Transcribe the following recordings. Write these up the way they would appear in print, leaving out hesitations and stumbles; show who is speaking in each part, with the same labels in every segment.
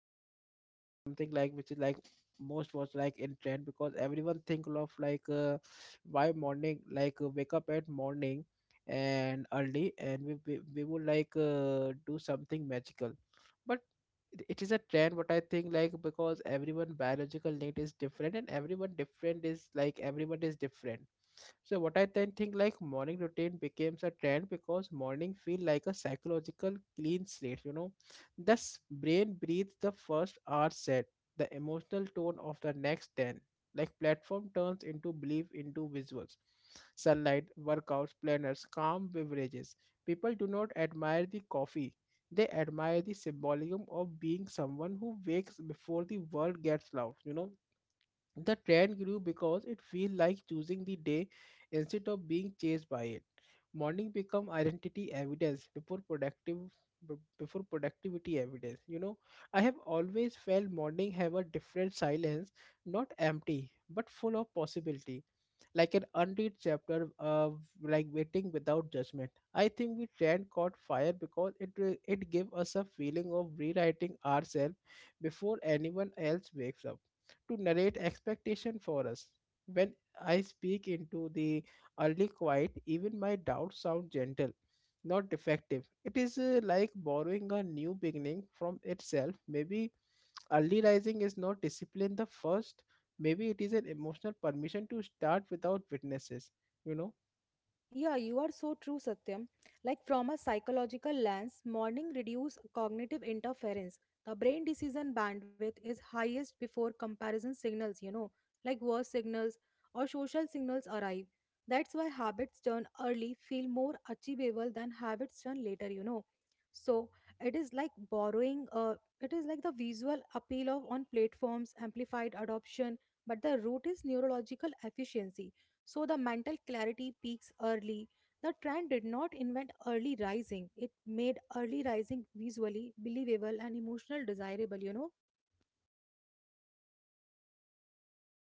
Speaker 1: topic is what something like which is like most was like in trend because everyone think of like why morning like wake up at morning and early and we would like do something magical. But it is a trend what I think, like, because everyone biological need is different and everyone different is like everyone is different, so what I then think, like, morning routine becomes a trend because morning feel like a psychological clean slate, you know. Thus brain breathes the first hour set, the emotional tone of the next ten. Like platform turns into belief into visuals. Sunlight, workouts, planners, calm beverages. People do not admire the coffee. They admire the symbolism of being someone who wakes before the world gets loud, you know, the trend grew because it feels like choosing the day instead of being chased by it. Morning become identity evidence before productive before productivity evidence. You know, I have always felt morning have a different silence, not empty, but full of possibility. Like an unread chapter of like waiting without judgment. I think we trend caught fire because it gave us a feeling of rewriting ourselves before anyone else wakes up to narrate expectation for us. When I speak into the early quiet, even my doubts sound gentle, not defective. It is like borrowing a new beginning from itself. Maybe early rising is not discipline the first. Maybe it is an emotional permission to start without witnesses. You know?
Speaker 2: Yeah, you are so true, Satyam. Like from a psychological lens, morning reduce cognitive interference. The brain decision bandwidth is highest before comparison signals, like worse signals or social signals arrive. That's why habits done early feel more achievable than habits done later. So it is like borrowing uh it is like the visual appeal of on platforms, amplified adoption, but the root is neurological efficiency. So the mental clarity peaks early. The trend did not invent early rising. It made early rising visually believable and emotional desirable.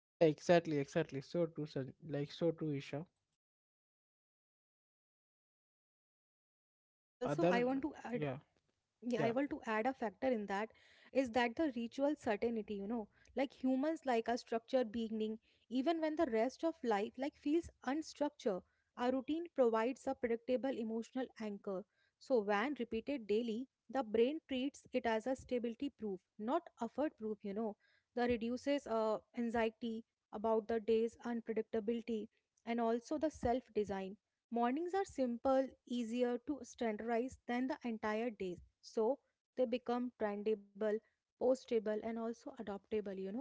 Speaker 1: Yeah, exactly, exactly. So true, like so true, Isha. The
Speaker 2: Also, I
Speaker 1: other,
Speaker 2: want to add.
Speaker 1: yeah,
Speaker 2: Yeah, I
Speaker 1: yeah.
Speaker 2: want to add a factor in that is that the ritual certainty, like humans like a structured beginning, even when the rest of life like feels unstructured, our routine provides a predictable emotional anchor. So when repeated daily, the brain treats it as a stability proof, not effort proof. That reduces anxiety about the day's unpredictability and also the self-design. Mornings are simple, easier to standardize than the entire days, so they become trendable, postable, and also adoptable.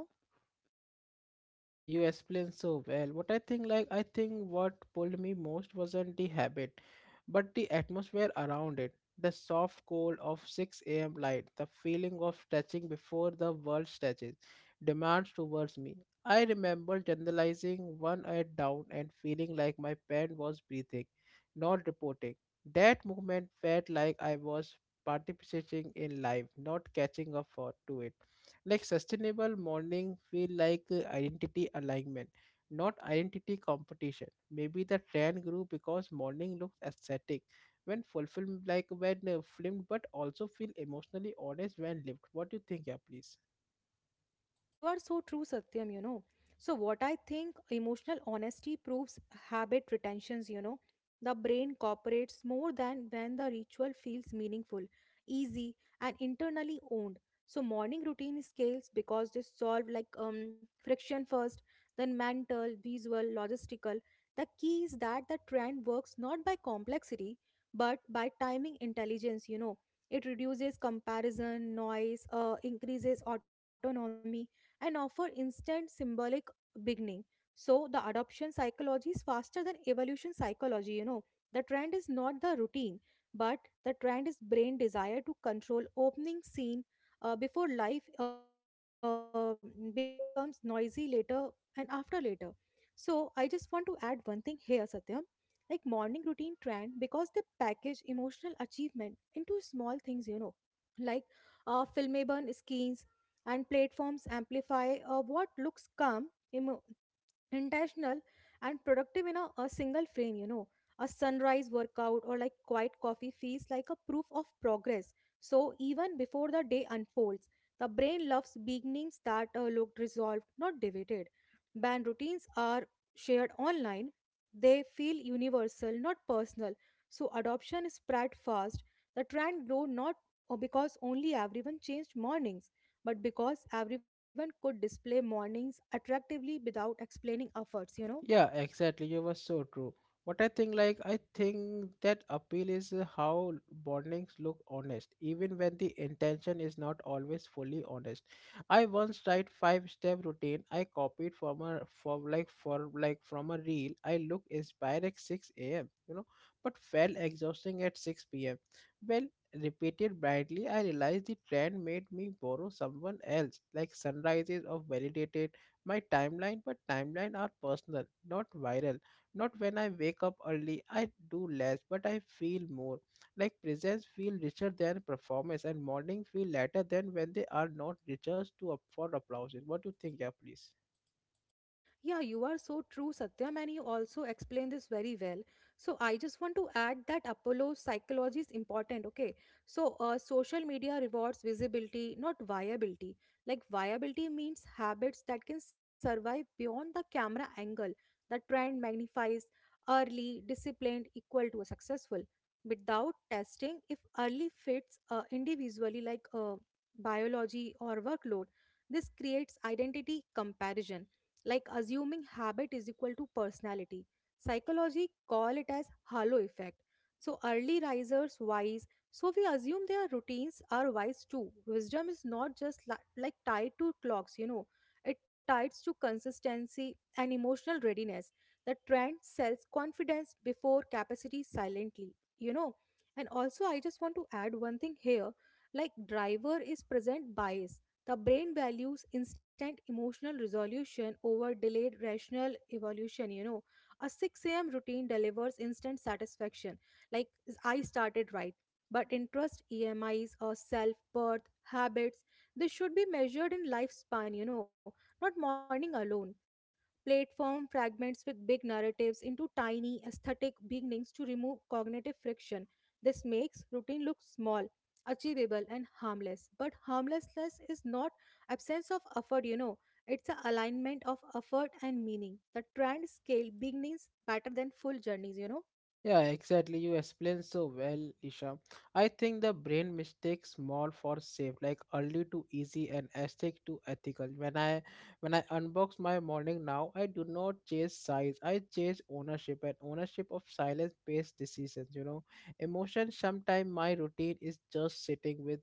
Speaker 1: Yeah, you explained so well. What I think, like, I think what pulled me most wasn't the habit, but the atmosphere around it. The soft cold of 6 a.m. light, the feeling of stretching before the world stretches, demands towards me. I remember generalizing one eye down and feeling like my pen was breathing, not reporting. That movement felt like I was participating in life, not catching up for to it, like sustainable morning feel like identity alignment, not identity competition. Maybe the trend grew because morning looks aesthetic when fulfilled, like when filmed, but also feel emotionally honest when lived. What do you think? Yeah, please.
Speaker 2: You are so true, Satyam. So, what I think emotional honesty proves habit retentions. The brain cooperates more than when the ritual feels meaningful, easy, and internally owned. So, morning routine scales because they solve like friction first, then mental, visual, logistical. The key is that the trend works not by complexity but by timing intelligence. It reduces comparison, noise, increases autonomy, and offer instant symbolic beginning. So the adoption psychology is faster than evolution psychology. The trend is not the routine, but the trend is brain desire to control opening scene before life becomes noisy later and after later. So I just want to add one thing here, Satyam. Like morning routine trend because they package emotional achievement into small things, like filmable skins and platforms amplify what looks calm, emo intentional, and productive in a single frame. A sunrise workout or like quiet coffee feels like a proof of progress. So even before the day unfolds, the brain loves beginnings that look resolved, not debated. Band routines are shared online; they feel universal, not personal. So adoption spread fast. The trend grew not because only everyone changed mornings, but because everyone could display mornings attractively without explaining efforts.
Speaker 1: Yeah, exactly. You were so true. What I think, like, I think that appeal is how bondings look honest, even when the intention is not always fully honest. I once tried five-step routine I copied from a from like for like from a reel. I looked inspired at 6 a.m. You know, but felt exhausting at 6 p.m. Well, repeated blindly, I realized the trend made me borrow someone else, like sunrises of validated my timeline, but timeline are personal, not viral. Not when I wake up early, I do less, but I feel more. Like presents feel richer than performance, and morning feel lighter than when they are not richer to up for applause. What do you think? Yeah, please.
Speaker 2: Yeah, you are so true, Satyam, and you also explain this very well. So I just want to add that Apollo's psychology is important, okay? So social media rewards visibility, not viability. Like viability means habits that can survive beyond the camera angle. The trend magnifies early, disciplined, equal to a successful. Without testing, if early fits individually like biology or workload, this creates identity comparison like assuming habit is equal to personality. Psychology call it as halo effect. So early risers wise, so we assume their routines are wise too. Wisdom is not just like tied to clocks. It ties to consistency and emotional readiness. The trend sells confidence before capacity silently. And also I just want to add one thing here. Like driver is present bias. The brain values instant emotional resolution over delayed rational evolution. A 6 a.m. routine delivers instant satisfaction, like I started right. But interest, EMIs, or self worth, habits, they should be measured in lifespan, not morning alone. Platform fragments with big narratives into tiny, aesthetic beginnings to remove cognitive friction. This makes routine look small, achievable and harmless, but harmlessness is not absence of effort, it's a alignment of effort and meaning. The trend scale beginnings better than full journeys, you know.
Speaker 1: Yeah, exactly. You explained so well, Isha. I think the brain mistakes small for safe, like early to easy and aesthetic to ethical. When I unbox my morning now, I do not chase size. I chase ownership and ownership of silence-based decisions. You know, emotion. Sometimes my routine is just sitting with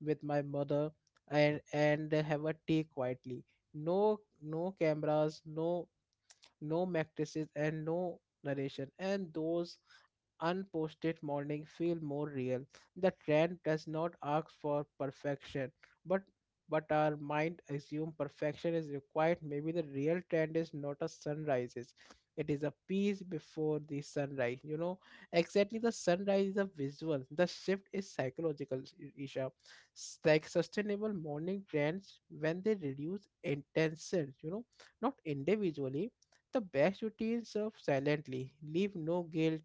Speaker 1: with my mother and have a tea quietly. No, no cameras. No no matrices and no narration, and those unposted morning feel more real. The trend does not ask for perfection, but but our mind assume perfection is required. Maybe the real trend is not a sunrises, it is a peace before the sunrise, you know. Exactly, the sunrise is a visual, the shift is psychological, Isha. Like sustainable morning trends when they reduce intentions, you know, not individually. The best routines serve silently, leave no guilt,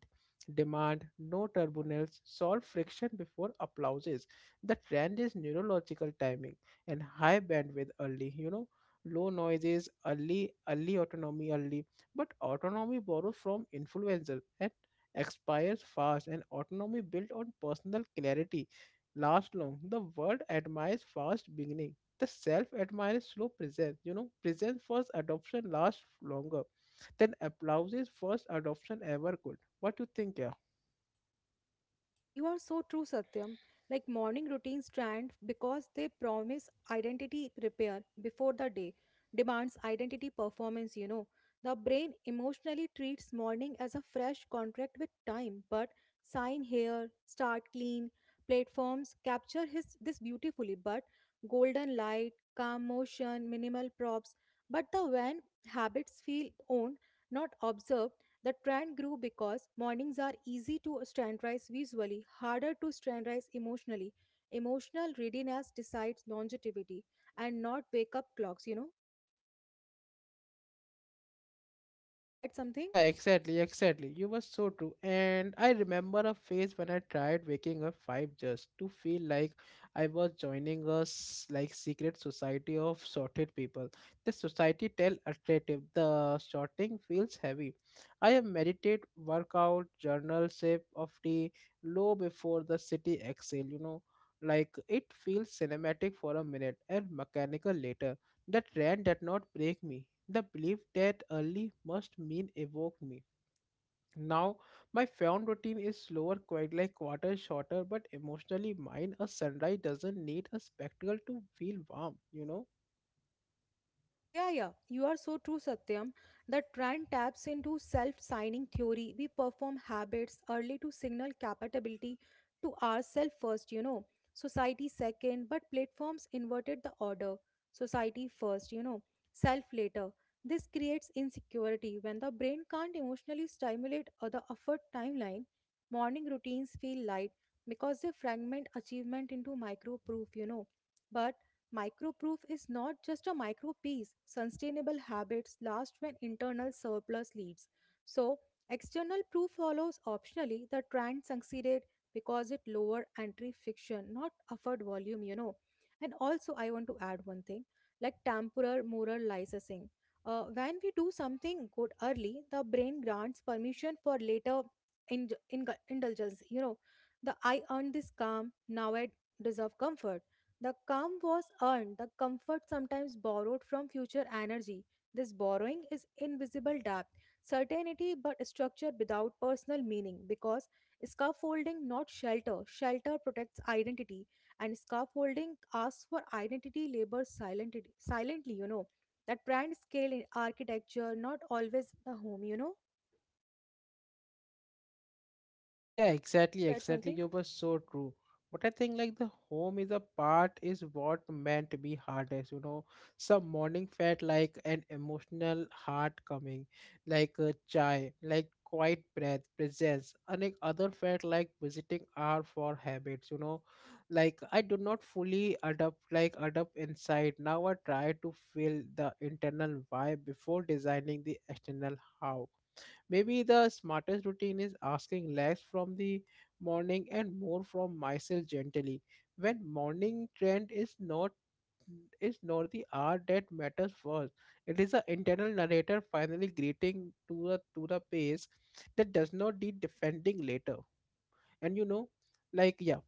Speaker 1: demand no turbulence, solve friction before applauses. The trend is neurological timing and high bandwidth early, you know, low noises, early, early autonomy early. But autonomy borrows from influencer and expires fast, and autonomy built on personal clarity last long. The world admires fast beginning. The self admires slow presence. You know, presence first adoption lasts longer than applause's first adoption ever could. What do you think? Yeah?
Speaker 2: You are so true, Satyam. Like morning routines trend because they promise identity repair before the day demands identity performance. The brain emotionally treats morning as a fresh contract with time, but sign here, start clean. Platforms capture his this beautifully, but golden light, calm motion, minimal props. But the when habits feel owned, not observed. The trend grew because mornings are easy to standardize visually, harder to standardize emotionally. Emotional readiness decides longevity and not wake up clocks. To add something?
Speaker 1: Yeah, exactly, exactly. You were so true. And I remember a phase when I tried waking up five just to feel like I was joining a like secret society of sorted people. The society tell attractive. The sorting feels heavy. I have meditate, workout, journal, sip of tea, low before the city exhale, you know. Like it feels cinematic for a minute and mechanical later. The trend did not break me. The belief that early must mean evoke me. Now, my film routine is slower, quite like quarter shorter, but emotionally mine. A sunrise doesn't need a spectacle to feel warm, you know.
Speaker 2: Yeah, yeah, you are so true, Satyam. The trend taps into self signing theory. We perform habits early to signal capability to ourselves first, society second, but platforms inverted the order society first, self later. This creates insecurity when the brain can't emotionally stimulate or the effort timeline. Morning routines feel light because they fragment achievement into micro proof. But microproof is not just a micro piece. Sustainable habits last when internal surplus leads. So, external proof follows optionally. The trend succeeded because it lower entry friction, not offered volume. And also, I want to add one thing like temporal moral licensing. When we do something good early, the brain grants permission for later in, indulgence. The I earned this calm, now I deserve comfort. The calm was earned, the comfort sometimes borrowed from future energy. This borrowing is invisible debt, certainty but structure without personal meaning because scaffolding not shelter. Shelter protects identity and scaffolding asks for identity labor silently, silently. That brand scale in architecture, not always the home.
Speaker 1: Yeah,
Speaker 2: Like
Speaker 1: exactly,
Speaker 2: to add
Speaker 1: exactly.
Speaker 2: something?
Speaker 1: You were so true. But I think, like, the home is a part is what meant to be hardest, you know. Some morning felt like an emotional heart coming, like a chai, like quiet breath, presence. And like other felt like visiting hour for habits, you know. Like I do not fully adapt, like adapt inside. Now I try to feel the internal why before designing the external how. Maybe the smartest routine is asking less from the morning and more from myself gently. When morning trend is not the hour that matters first. It is the internal narrator finally greeting to the pace that does not need defending later. And you know, like, yeah.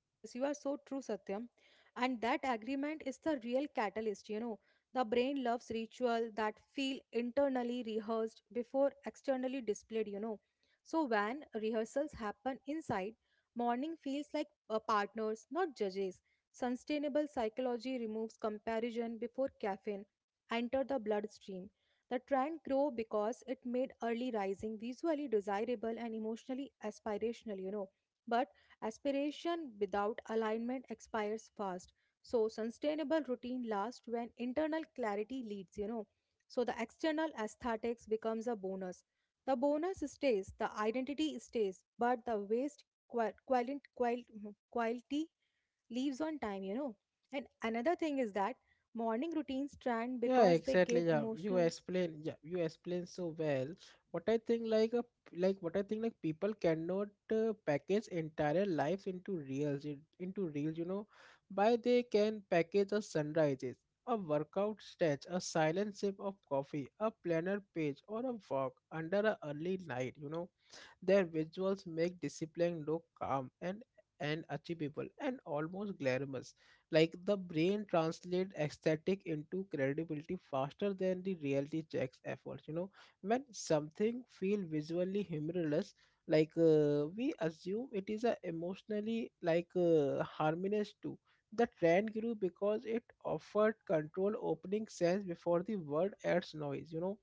Speaker 2: Yes, yes, you are so true, Satyam. And that agreement is the real catalyst. The brain loves ritual that feel internally rehearsed before externally displayed. So when rehearsals happen inside, morning feels like partners, not judges. Sustainable psychology removes comparison before caffeine enter the bloodstream. The trend grow because it made early rising visually desirable and emotionally aspirational. But aspiration without alignment expires fast. So sustainable routine lasts when internal clarity leads. So the external aesthetics becomes a bonus. The bonus stays, the identity stays, but the waste quality leaves on time. And another thing is that morning routines trend
Speaker 1: Yeah,
Speaker 2: because they
Speaker 1: exactly.
Speaker 2: give
Speaker 1: Yeah, you
Speaker 2: emotional.
Speaker 1: explain. Yeah, you explain so well. What I think, like a, like what I think, like, people cannot package entire lives into reels, into reels. You know, by they can package a sunrises, a workout stretch, a silent sip of coffee, a planner page, or a walk under a early night. You know, their visuals make discipline look calm and achievable and almost glamorous. Like the brain translates aesthetic into credibility faster than the reality checks efforts. You know, when something feels visually humorless, like we assume it is a emotionally like harmless too. The trend grew because it offered control opening sense before the word adds noise, you know.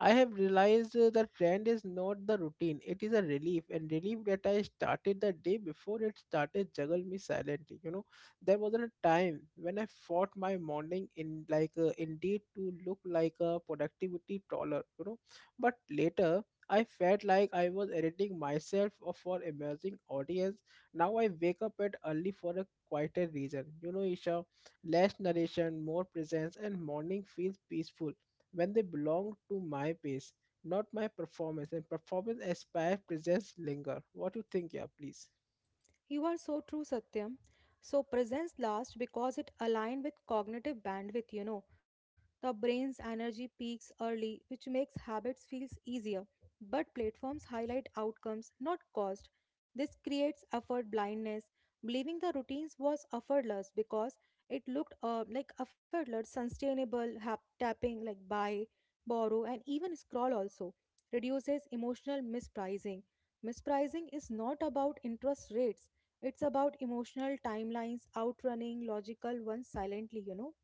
Speaker 1: I have realized that brand is not the routine, it is a relief, and relief that I started the day before it started juggle me silently. You know, there was a time when I fought my morning in like indeed to look like a productivity taller, you know, but later. I felt like I was editing myself or for emerging audience. Now I wake up at early for a quieter reason. You know, Isha, less narration, more presence, and morning feels peaceful when they belong to my pace, not my performance. And performance aspire presents linger. What you think? Yeah, please.
Speaker 2: You are so true, Satyam. So, presence lasts because it aligns with cognitive bandwidth. The brain's energy peaks early, which makes habits feel easier. But platforms highlight outcomes, not cost. This creates effort blindness, believing the routines was effortless because it looked like effortless, sustainable, tapping like buy, borrow, and even scroll also reduces emotional mispricing. Mispricing is not about interest rates. It's about emotional timelines outrunning logical ones silently.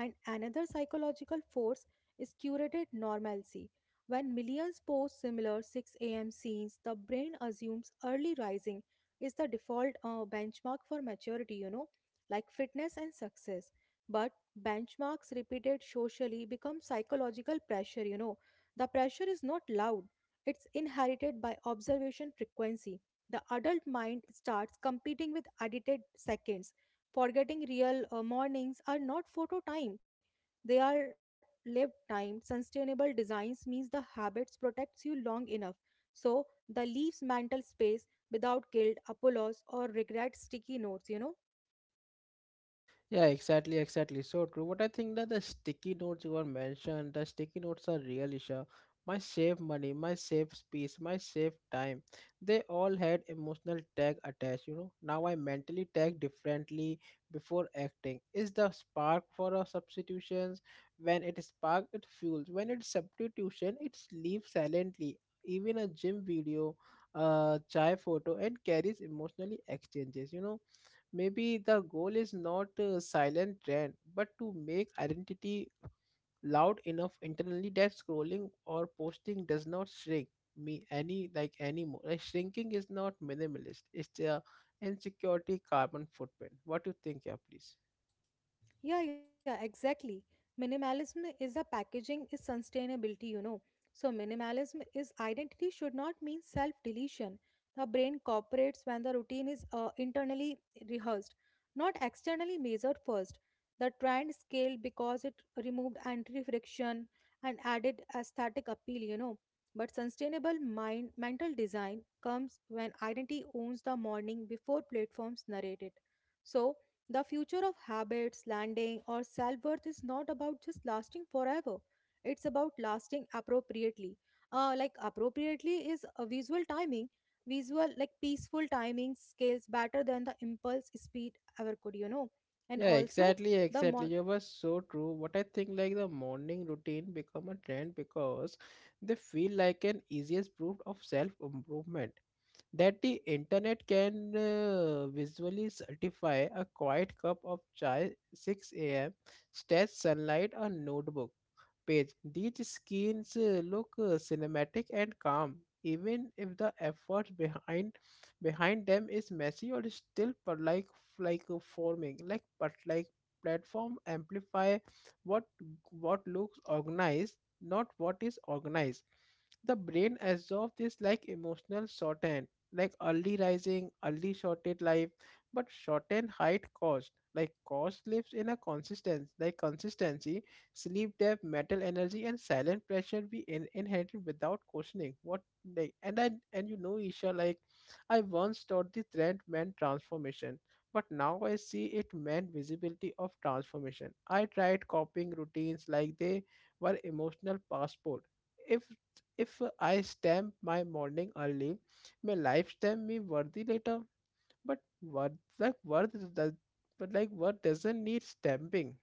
Speaker 2: And another psychological force is curated normalcy. When millions post similar 6 a.m. scenes, the brain assumes early rising is the default benchmark for maturity, like fitness and success. But benchmarks repeated socially become psychological pressure. The pressure is not loud, it's inherited by observation frequency. The adult mind starts competing with edited seconds, forgetting real mornings are not photo time, they are lived time. Sustainable designs means the habits protects you long enough. So the leaves mental space without guilt, apologies or regret sticky notes.
Speaker 1: Yeah, exactly, exactly. So true. But I think that the sticky notes you were mentioned, the sticky notes are real issue. My save money, my save space, my save time. They all had emotional tag attached, you know. Now I mentally tag differently before acting. Is the spark for a substitutions? When it spark it fuels. When it's substitution, it leaves silently. Even a gym video, chai photo and carries emotionally exchanges, you know. Maybe the goal is not a silent trend, but to make identity loud enough internally that scrolling or posting does not shrink me any like anymore. Like shrinking is not minimalist. It's the insecurity carbon footprint. What do you think? Yeah, please.
Speaker 2: Yeah, yeah, exactly. Minimalism is a packaging is sustainability. So minimalism is identity should not mean self deletion. The brain cooperates when the routine is internally rehearsed, not externally measured first. The trend scaled because it removed anti friction and added aesthetic appeal. But sustainable mind mental design comes when identity owns the morning before platforms narrate it. So the future of habits, landing, or self worth is not about just lasting forever. It's about lasting appropriately. Like appropriately is a visual timing, visual like peaceful timing scales better than the impulse speed ever could. And
Speaker 1: Yeah,
Speaker 2: also
Speaker 1: exactly,
Speaker 2: the
Speaker 1: exactly.
Speaker 2: mo-
Speaker 1: You were so true. What I think, like, the morning routine become a trend because they feel like an easiest proof of self improvement that the internet can visually certify a quiet cup of chai 6 a.m., stage sunlight, a notebook page. These scenes look cinematic and calm, even if the effort behind them is messy or still per like forming, like, but like, platform amplify what what looks organized, not what is organized. The brain absorbs this like emotional shorthand, like early rising, early shorted life, but shortened height cost. Like cost lives in a consistency, like consistency, sleep debt, mental energy, and silent pressure we inherited without questioning. What, like, and I and you know, Isha, like, I once thought the trend meant transformation, but now I see it meant visibility of transformation. I tried copying routines like they were emotional passport. If if I stamp my morning early, my life stamp me worthy later. But worth, like worth does but like worth doesn't need stamping,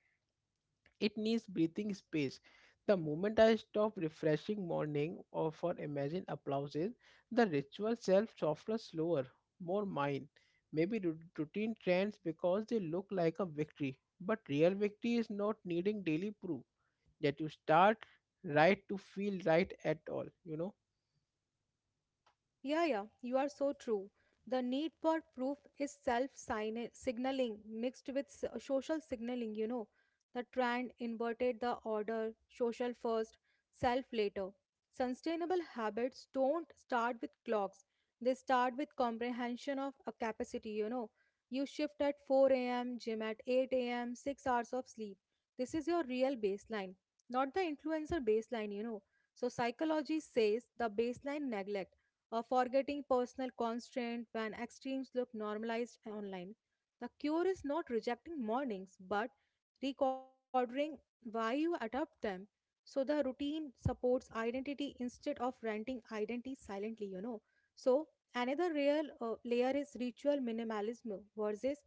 Speaker 1: it needs breathing space. The moment I stop refreshing morning or for imagined applauses, the ritual self softens slower, more mine. Maybe routine trends because they look like a victory, but real victory is not needing daily proof that you start right to feel right at all.
Speaker 2: Yeah, yeah, you are so true. The need for proof is self signaling mixed with social signaling. The trend inverted the order social first, self later. Sustainable habits don't start with clocks, they start with comprehension of a capacity, you know. You shift at 4 a.m., gym at 8 a.m., 6 hours of sleep. This is your real baseline, not the influencer baseline. So, psychology says the baseline neglect or forgetting personal constraint when extremes look normalized online. The cure is not rejecting mornings but recording why you adopt them. So the routine supports identity instead of renting identity silently. So another real layer is ritual minimalism versus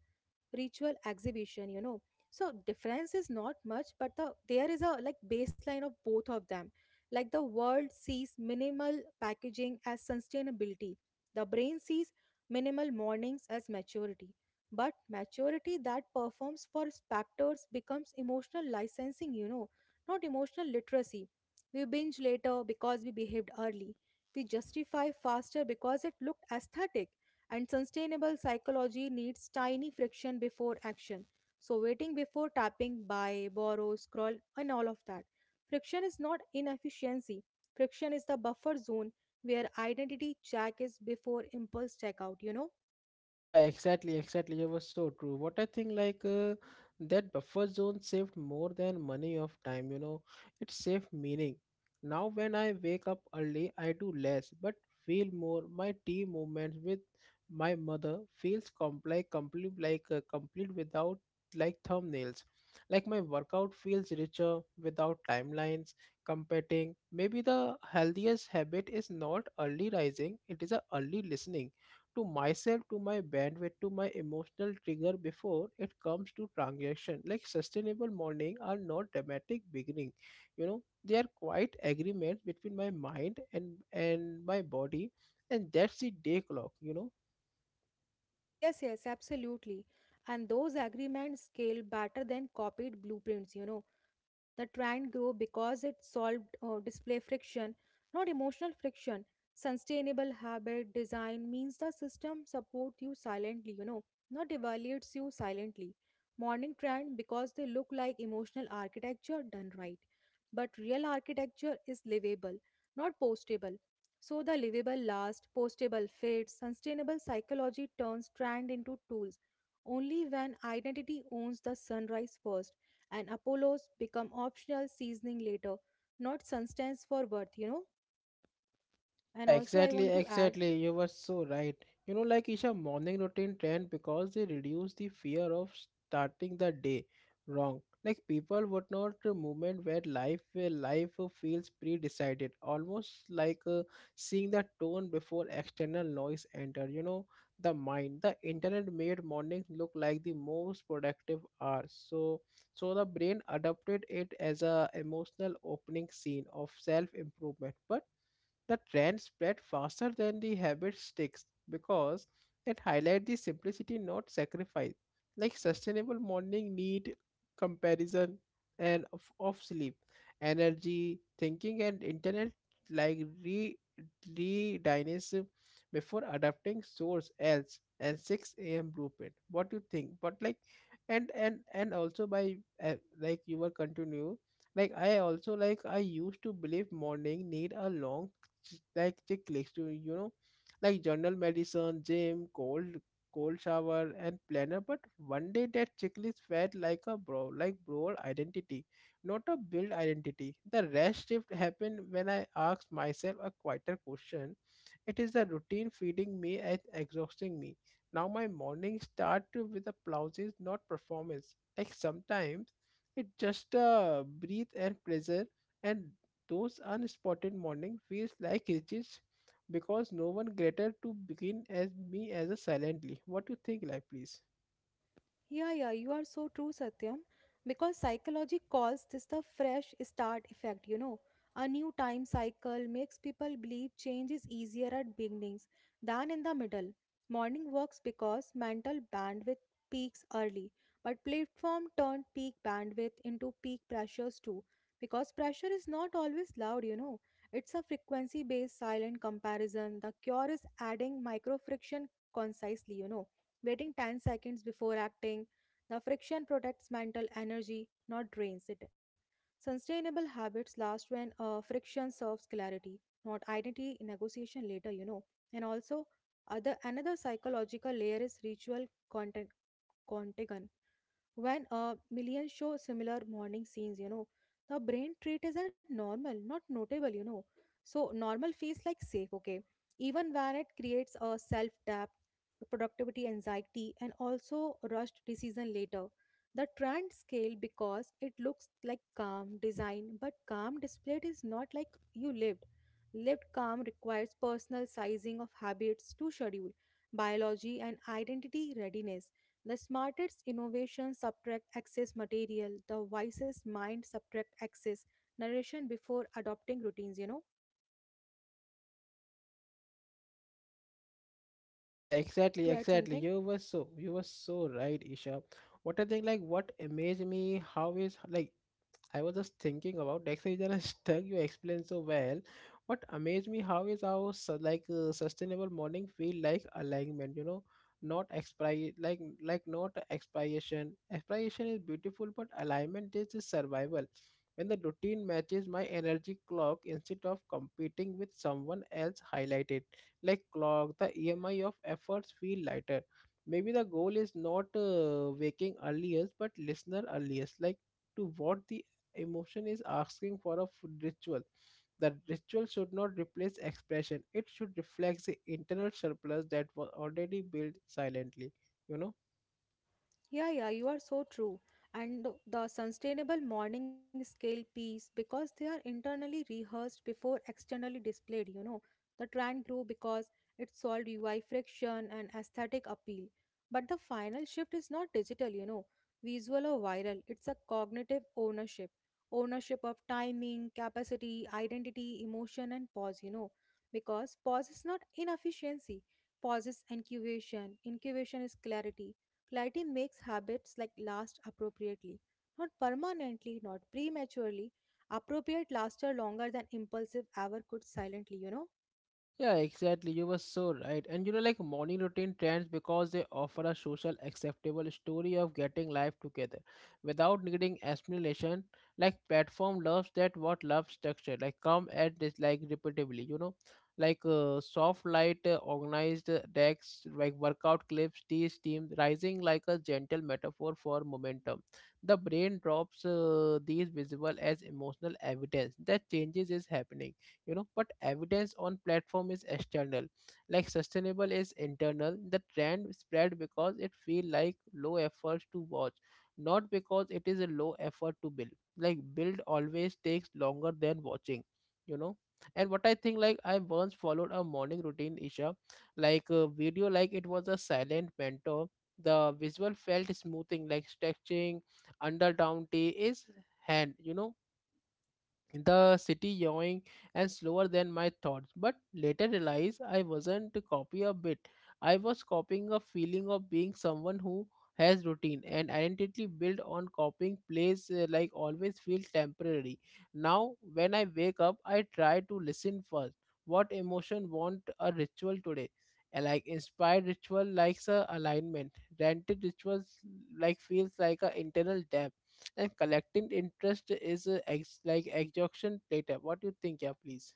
Speaker 2: ritual exhibition, you know. So difference is not much, but there is a like baseline of both of them. Like the world sees minimal packaging as sustainability, the brain sees minimal mornings as maturity. But maturity that performs for spectators becomes emotional licensing, you know, not emotional literacy. We binge later because we behaved early, we justify faster because it looked aesthetic, and sustainable psychology needs tiny friction before action. So, waiting before tapping, buy, borrow, scroll, and all of that. Friction is not inefficiency, friction is the buffer zone where identity check is before impulse checkout.
Speaker 1: Yeah, exactly, exactly. It was so true. What I think, like, that buffer zone saved more than money of time, it saved meaning. Now, when I wake up early, I do less but feel more. My tea movements with my mother feels complex, complete without like thumbnails. Like, my workout feels richer without timelines, competing. Maybe the healthiest habit is not early rising, it is a early listening to myself, to my bandwidth, to my emotional trigger before it comes to transaction. Like sustainable morning are not dramatic beginning. You know, they are quite agreements between my mind and my body, and that's the day clock. You know.
Speaker 2: Yes, yes, absolutely. And those agreements scale better than copied blueprints, The trend grew because it solved display friction, not emotional friction. Sustainable habit design means the system supports you silently, not evaluates you silently. Morning trend because they look like emotional architecture done right. But real architecture is livable, not postable. So the livable lasts, postable fades, sustainable psychology turns trend into tools. Only when identity owns the sunrise first and Apollos become optional seasoning later, not substance for worth. And
Speaker 1: Yeah,
Speaker 2: also, I
Speaker 1: exactly,
Speaker 2: want to add.
Speaker 1: exactly. You were so right. You know, like, Isha, morning routine trend because they reduce the fear of starting the day wrong. Like people would not movement where life feels pre-decided, almost like seeing the tone before external noise enter. You know, the mind. The internet made morning look like the most productive hour. So, the brain adopted it as a emotional opening scene of self-improvement, but the trend spread faster than the habit sticks because it highlight the simplicity not sacrifice. Like sustainable morning need comparison and of sleep, energy, thinking, and internet, like re re dynamism before adapting source else and 6 a.m. blueprint. What do you think? But like, and also by, uh, like, you were continue. Like, I also, like, I used to believe morning need a long like, chick to, you know, like, general medicine, gym, cold shower and planner, but one day that checklist felt like a broad identity, not a build identity. The rest shift happened when I asked myself a quieter question. It is the routine feeding me and exhausting me. Now my morning start with applauses, not performance. Like, sometimes it just breathe and pleasure, and those unspotted morning feels like riches because no one greater to begin as me as a silently. What you think, like, please?
Speaker 2: Yeah, yeah, you are so true, Satyam. Because psychology calls this the fresh start effect, A new time cycle makes people believe change is easier at beginnings than in the middle. Morning works because mental bandwidth peaks early, but platform turned peak bandwidth into peak pressures too. Because pressure is not always loud, It's a frequency based silent comparison. The cure is adding micro friction concisely, waiting 10 seconds before acting. The friction protects mental energy, not drains it. Sustainable habits last when friction serves clarity, not identity negotiation later, And also, other another psychological layer is ritual content. When a million show similar morning scenes, the brain treat is at normal, not notable, So normal feels like safe, okay? Even when it creates a self doubt, productivity anxiety, and also rushed decision later. The trend scale because it looks like calm design, but calm displayed is not like you lived. Lived calm requires personal sizing of habits to schedule, biology, and identity readiness. The smartest innovations subtract excess material, the wisest mind subtract excess narration before adopting routines,
Speaker 1: Yeah,
Speaker 2: Like
Speaker 1: exactly,
Speaker 2: to add
Speaker 1: exactly.
Speaker 2: something?
Speaker 1: You were so right, Isha. What I think, like, what amazed me, how is like, I was just thinking about actually that I stuck you explained so well. What amazed me how is how like sustainable morning feel like alignment. You know, not expri like not expiration. Expiration is beautiful, but alignment is survival. When the routine matches my energy clock instead of competing with someone else highlighted like clock, the EMI of efforts feel lighter. Maybe the goal is not waking earliest, but listener earliest. Like, to what the emotion is asking for a ritual. The ritual should not replace expression, it should reflect the internal surplus that was already built silently, you know.
Speaker 2: Yeah, yeah, you are so true. And the sustainable morning scale piece, because they are internally rehearsed before externally displayed, The trend grew because it solved UI friction and aesthetic appeal. But the final shift is not digital, visual or viral. It's a cognitive ownership. Ownership of timing, capacity, identity, emotion, and pause, Because pause is not inefficiency, pause is incubation, incubation is clarity. Clarity makes habits like last appropriately, not permanently, not prematurely. Appropriate laster longer than impulsive ever could silently,
Speaker 1: Yeah, exactly. You were so right. And you know, like, morning routine trends because they offer a social acceptable story of getting life together without needing explanation. Like platform loves that what love structure, like, come at this like repeatedly, you know, like soft light, organized decks, like workout clips, tea steam rising like a gentle metaphor for momentum. The brain drops these visible as emotional evidence that changes is happening, you know, but evidence on platform is external. Like sustainable is internal. The trend spread because it feel like low efforts to watch, not because it is a low effort to build. Like, build always takes longer than watching, you know. And what I think, like, I once followed a morning routine, Isha, like a video, like it was a silent mentor. The visual felt smoothing like stretching under down tea is hand, you know, the city yawing and slower than my thoughts, but later realized I wasn't to copy a bit. I was copying a feeling of being someone who has routine, and identity built on copying plays like, always feel temporary. Now when I wake up I try to listen first, what emotion want a ritual today. Like, inspired ritual likes a alignment, rented rituals like feels like a internal depth, and collecting interest is like exhaustion later. What do you think, yeah, please?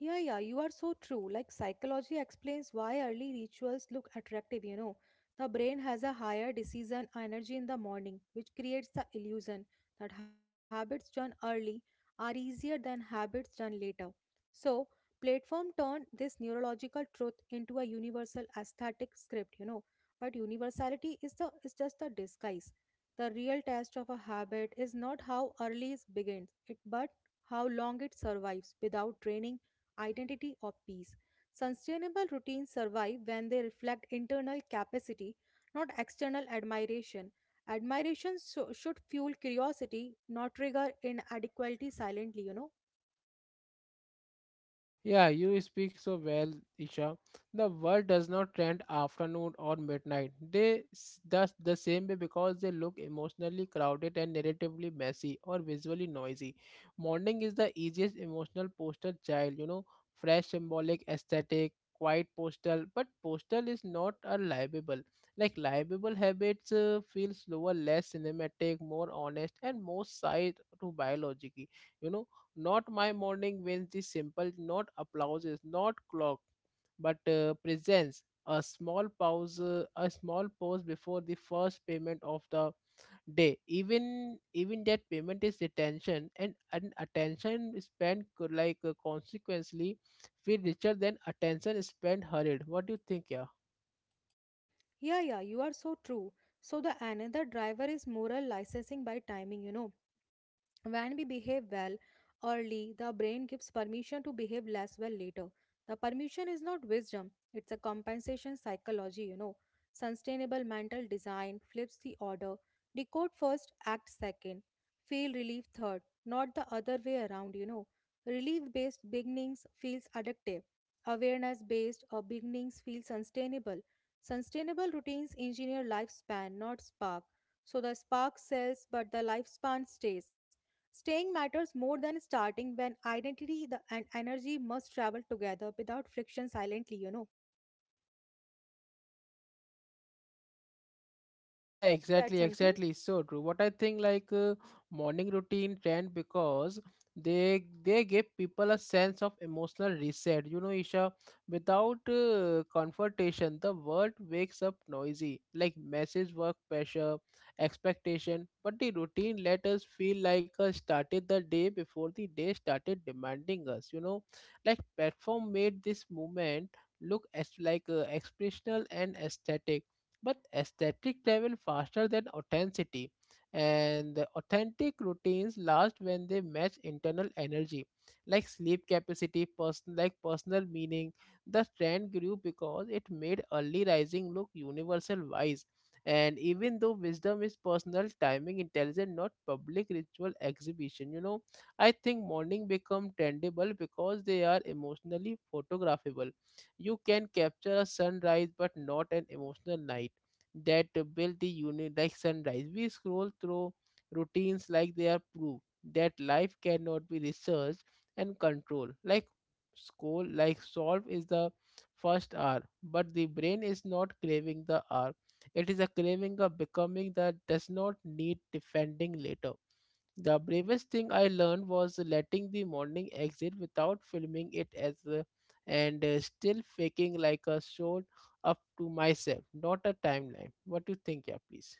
Speaker 2: Yeah, yeah, you are so true. Like, psychology explains why early rituals look attractive, The brain has a higher decision energy in the morning, which creates the illusion that habits done early are easier than habits done later. So, platform turned this neurological truth into a universal aesthetic script, But universality is the is just the disguise. The real test of a habit is not how early it begins, it but how long it survives without draining identity, or peace. Sustainable routines survive when they reflect internal capacity, not external admiration. Admiration so- should fuel curiosity, not trigger inadequacy silently,
Speaker 1: Yeah, you speak so well, Isha. The world does not trend afternoon or midnight. They thus the same way because they look emotionally crowded and narratively messy or visually noisy. Morning is the easiest emotional poster child, you know, fresh symbolic aesthetic, quiet postal, but postal is not a liable. Like liable habits feel slower, less cinematic, more honest, and more side to biology. You know, not my morning wins the simple, not applauses, not clock, but presence. A small pause before the first payment of the day. Even that payment is attention, and an attention spent could like, consequently feel richer than attention spent hurried. What do you think, yeah?
Speaker 2: Yeah, yeah, you are so true. So the another driver is moral licensing by timing, when we behave well early, the brain gives permission to behave less well later. The permission is not wisdom, it's a compensation psychology, Sustainable mental design flips the order. Decode first, act second. Feel relief third, not the other way around, Relief based beginnings feels addictive. Awareness based or beginnings feel sustainable. Sustainable routines engineer lifespan, not spark. So the spark sells, but the lifespan stays. Staying matters more than starting when identity the- and energy must travel together without friction silently,
Speaker 1: Yeah,
Speaker 2: Like to add
Speaker 1: exactly,
Speaker 2: something?
Speaker 1: exactly. So true. What I think, like, morning routine trend because they give people a sense of emotional reset. You know, Isha, without confrontation, the world wakes up noisy, like message, work pressure, expectation. But the routine let us feel like started the day before the day started demanding us. You know, like platform made this movement look as like expressional and aesthetic, but aesthetic travel faster than authenticity, and the authentic routines last when they match internal energy, like sleep capacity, person, like, personal meaning. The trend grew because it made early rising look universal wise, and even though wisdom is personal timing intelligent, not public ritual exhibition, you know. I think morning become trendable because they are emotionally photographable. You can capture a sunrise but not an emotional night that build the unit like sunrise. We scroll through routines like they are proof that life cannot be researched and controlled. Like school, like solve is the first hour, but the brain is not craving the hour. It is a craving of becoming that does not need defending later. The bravest thing I learned was letting the morning exit without filming it as a, and still faking like a show up to myself, not a timeline. What do you think, yeah, please?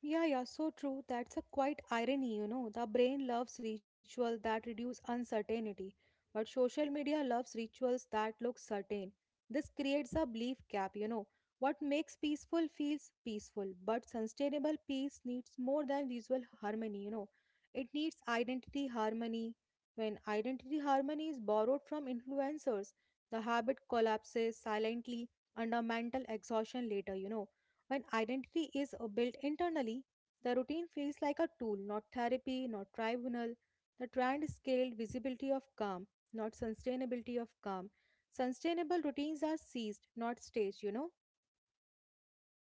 Speaker 2: Yeah, yeah, so true. That's a quite irony, The brain loves ritual that reduce uncertainty, but social media loves rituals that look certain. This creates a belief gap, What makes peaceful feels peaceful, but sustainable peace needs more than visual harmony, It needs identity harmony. When identity harmony is borrowed from influencers, the habit collapses silently under mental exhaustion later, When identity is built internally, the routine feels like a tool, not therapy, not tribunal. The trend scaled visibility of calm, not sustainability of calm. Sustainable routines are seized, not staged, you know?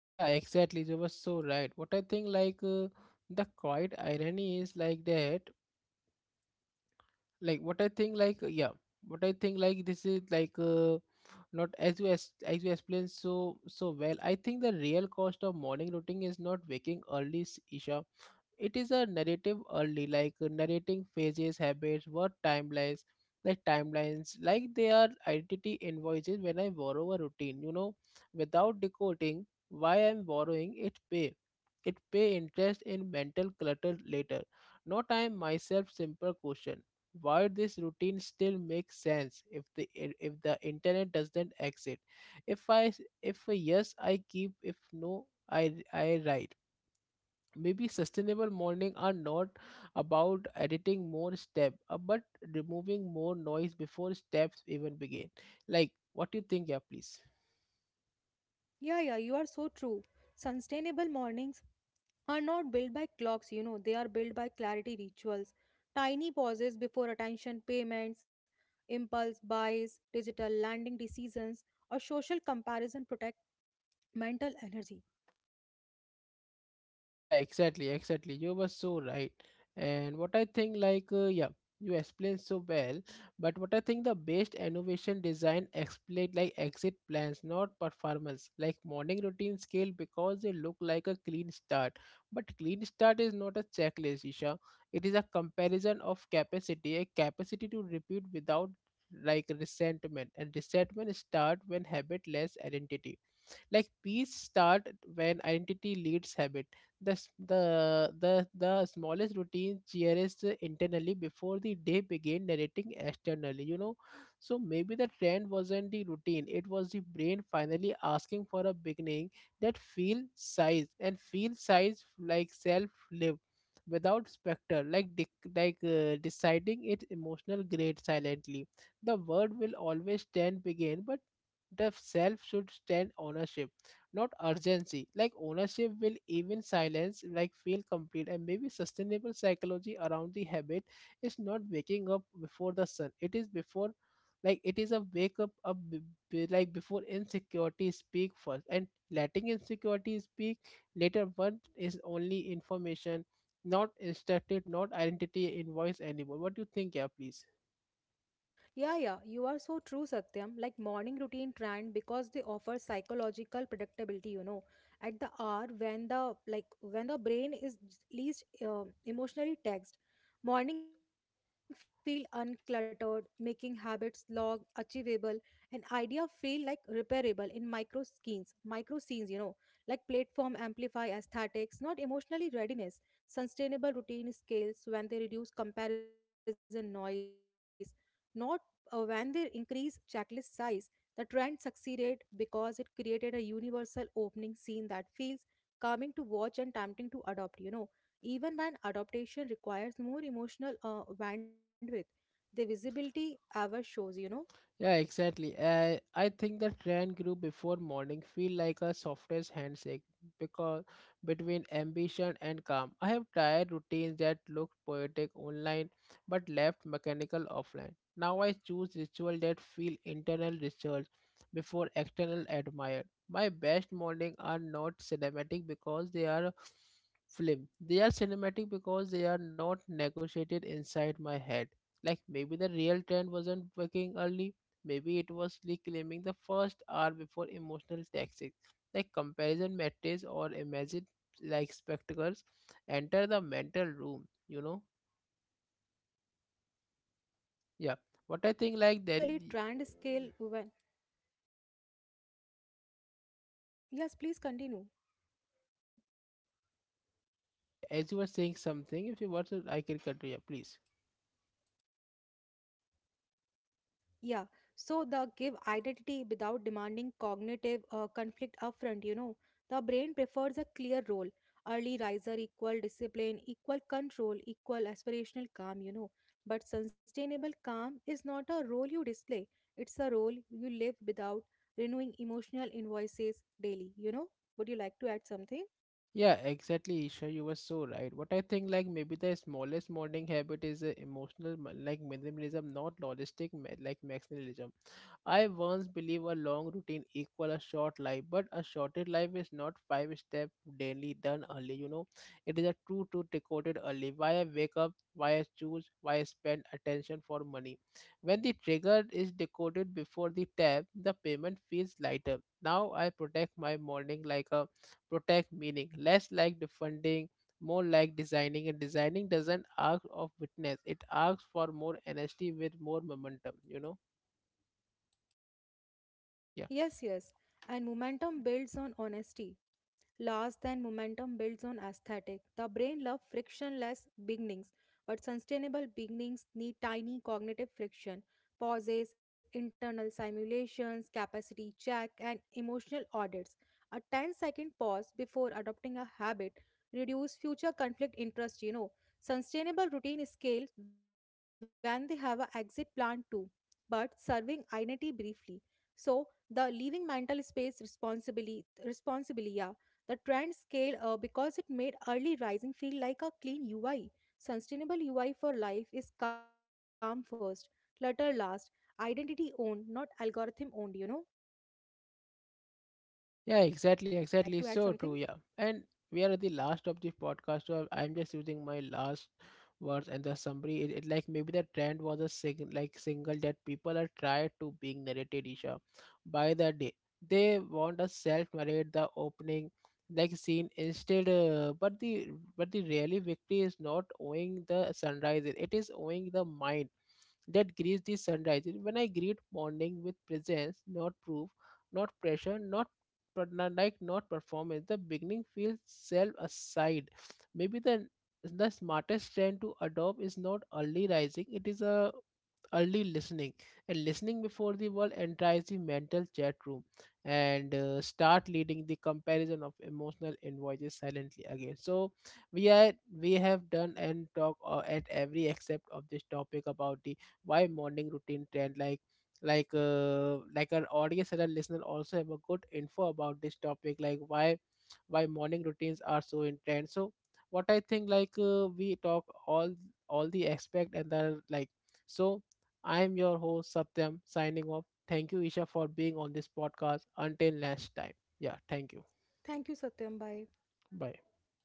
Speaker 1: Yeah, exactly. You were so right. What I think, like, the quiet irony is like that. Like, what I think, like, what I think, like, this is like, not as you as you explained so so well. I think the real cost of morning routine is not waking early, Isha. It is a narrative early, like narrating phases habits what timelines, like timelines like they are identity invoices. When I borrow a routine, you know, without decoding why I'm borrowing it, pay, it pay interest in mental clutter later. No, time myself simple question: why this routine still makes sense if the internet doesn't exit? If I if a Yes I keep, if no I, I write. Maybe sustainable morning are not about editing more step, but removing more noise before steps even begin. Like, what do you think, yeah, please?
Speaker 2: Yeah, yeah, you are so true. Sustainable mornings are not built by clocks, they are built by clarity rituals, tiny pauses before attention payments, impulse buys, digital landing decisions, or social comparison protect mental energy.
Speaker 1: Yeah, exactly, exactly. You were so right. And what I think, like, you explained so well. But what I think the best innovation design explain like exit plans, not performance. Like morning routine scale because they look like a clean start. But clean start is not a checklist, Isha. It is a comparison of capacity, a capacity to repeat without like resentment. And resentment start when habit less identity, like peace start when identity leads habit. The s- the the, the smallest routine cheers internally before the day begin narrating externally, you know. So maybe the trend wasn't the routine, it was the brain finally asking for a beginning that feel size, and feel size like self lived without specter, like deciding its emotional grade silently. The word will always stand begin, but the self should stand ownership, not urgency. Like ownership will even silence like feel complete, and maybe sustainable psychology around the habit is not waking up before the sun. It is before, like, it is a wake up, like before insecurity speak first, and letting insecurity speak later one is only information, not instructed, not identity in voice anymore. What do you think, yeah, please?
Speaker 2: Yeah, yeah, you are so true, Satyam. Like morning routine trend because they offer psychological predictability. You know, at the hour when the like when the brain is least emotionally taxed, morning feel uncluttered, making habits log achievable, and idea feel like repairable in micro scenes, micro scenes. You know, like platform amplify aesthetics, not emotionally readiness. Sustainable routine scales when they reduce comparison noise. Not when they increased checklist size, the trend succeeded because it created a universal opening scene that feels calming to watch and tempting to adopt. You know, even when adaptation requires more emotional bandwidth, the visibility ever shows.
Speaker 1: Yeah, exactly. I think the trend grew before morning feel like a softest handshake because between ambition and calm. I have tried routines that looked poetic online but left mechanical offline. Now I choose ritual that feel internal research before external admired. My best morning are not cinematic because they are film. They are cinematic because they are not negotiated inside my head. Like maybe the real trend wasn't working early. Maybe it was reclaiming the first hour before emotional tactics, like comparison matrix or imagine like spectacles, enter the mental room, you know? Yeah.
Speaker 2: Yes, yes,
Speaker 1: What I think like there,
Speaker 2: psychologically trend scale when, yes, please continue.
Speaker 1: yeah, as you were saying something, if you want to I can continue, please.
Speaker 2: Yeah, so the give identity without demanding cognitive conflict upfront, The brain prefers a clear role. Early riser equal discipline, equal control, equal aspirational calm, But sustainable calm is not a role you display, it's a role you live without renewing emotional invoices daily, Would you like to add something?
Speaker 1: Yeah, exactly, Isha. You were so right. What I think, like, maybe the smallest morning habit is a emotional, like minimalism, not logistic, like maximalism. I once believed a long routine equal a short life, but a shorter life is not five step daily done early. You know, it is a true to decoded early. Why I wake up, why I choose, why I spend attention for money. When the trigger is decoded before the tab, the payment feels lighter. Now I protect my morning like a protect meaning, less like defunding, more like designing. And designing doesn't ask of witness; it asks for more honesty with more momentum. You know, yeah.
Speaker 2: Yes, yes. And momentum builds on honesty. Loss and momentum builds on aesthetic. The brain loves frictionless beginnings, but sustainable beginnings need tiny cognitive friction, pauses, internal simulations, capacity check, and emotional audits. A ten-second pause before adopting a habit reduce future conflict interest, Sustainable routine scale when they have a exit plan too, but serving identity briefly. So the leaving mental space responsibly, yeah, the trend scaled because it made early rising feel like a clean UI. Sustainable UI for life is calm first, clutter last, identity owned, not algorithm owned,
Speaker 1: Yeah, exactly, exactly. It's
Speaker 2: Would you
Speaker 1: so
Speaker 2: like
Speaker 1: true.
Speaker 2: to
Speaker 1: Yeah,
Speaker 2: add something?
Speaker 1: and we are at the last of the podcast, so I'm just using my last words and the summary. It like maybe the trend was a sing, like single that people are tried to being narrated, Isha, by the day. They want to self narrate the opening like scene instead, but the, but the really victory is not owing the sunrise. It is owing the mind that greets the sunrise. When I greet morning with presence, not proof, not pressure, not, but not, like not performance, the beginning feels self aside. Maybe the smartest trend to adopt is not early rising, it is a early listening, and listening before the world enters the mental chat room, and start leading the comparison of emotional invoices silently again. So we are, we have done and talk at every except of this topic about the why morning routine trend, like, like our audience and our listener also have a good info about this topic, like why morning routines are so in trend. So what I think, like, we talk all the aspect and the like. So I am your host Satyam signing off. Thank you, Isha, for being on this podcast. Until next time. Yeah, thank you.
Speaker 2: Thank you,
Speaker 1: Bye.
Speaker 2: Satyam. Bye.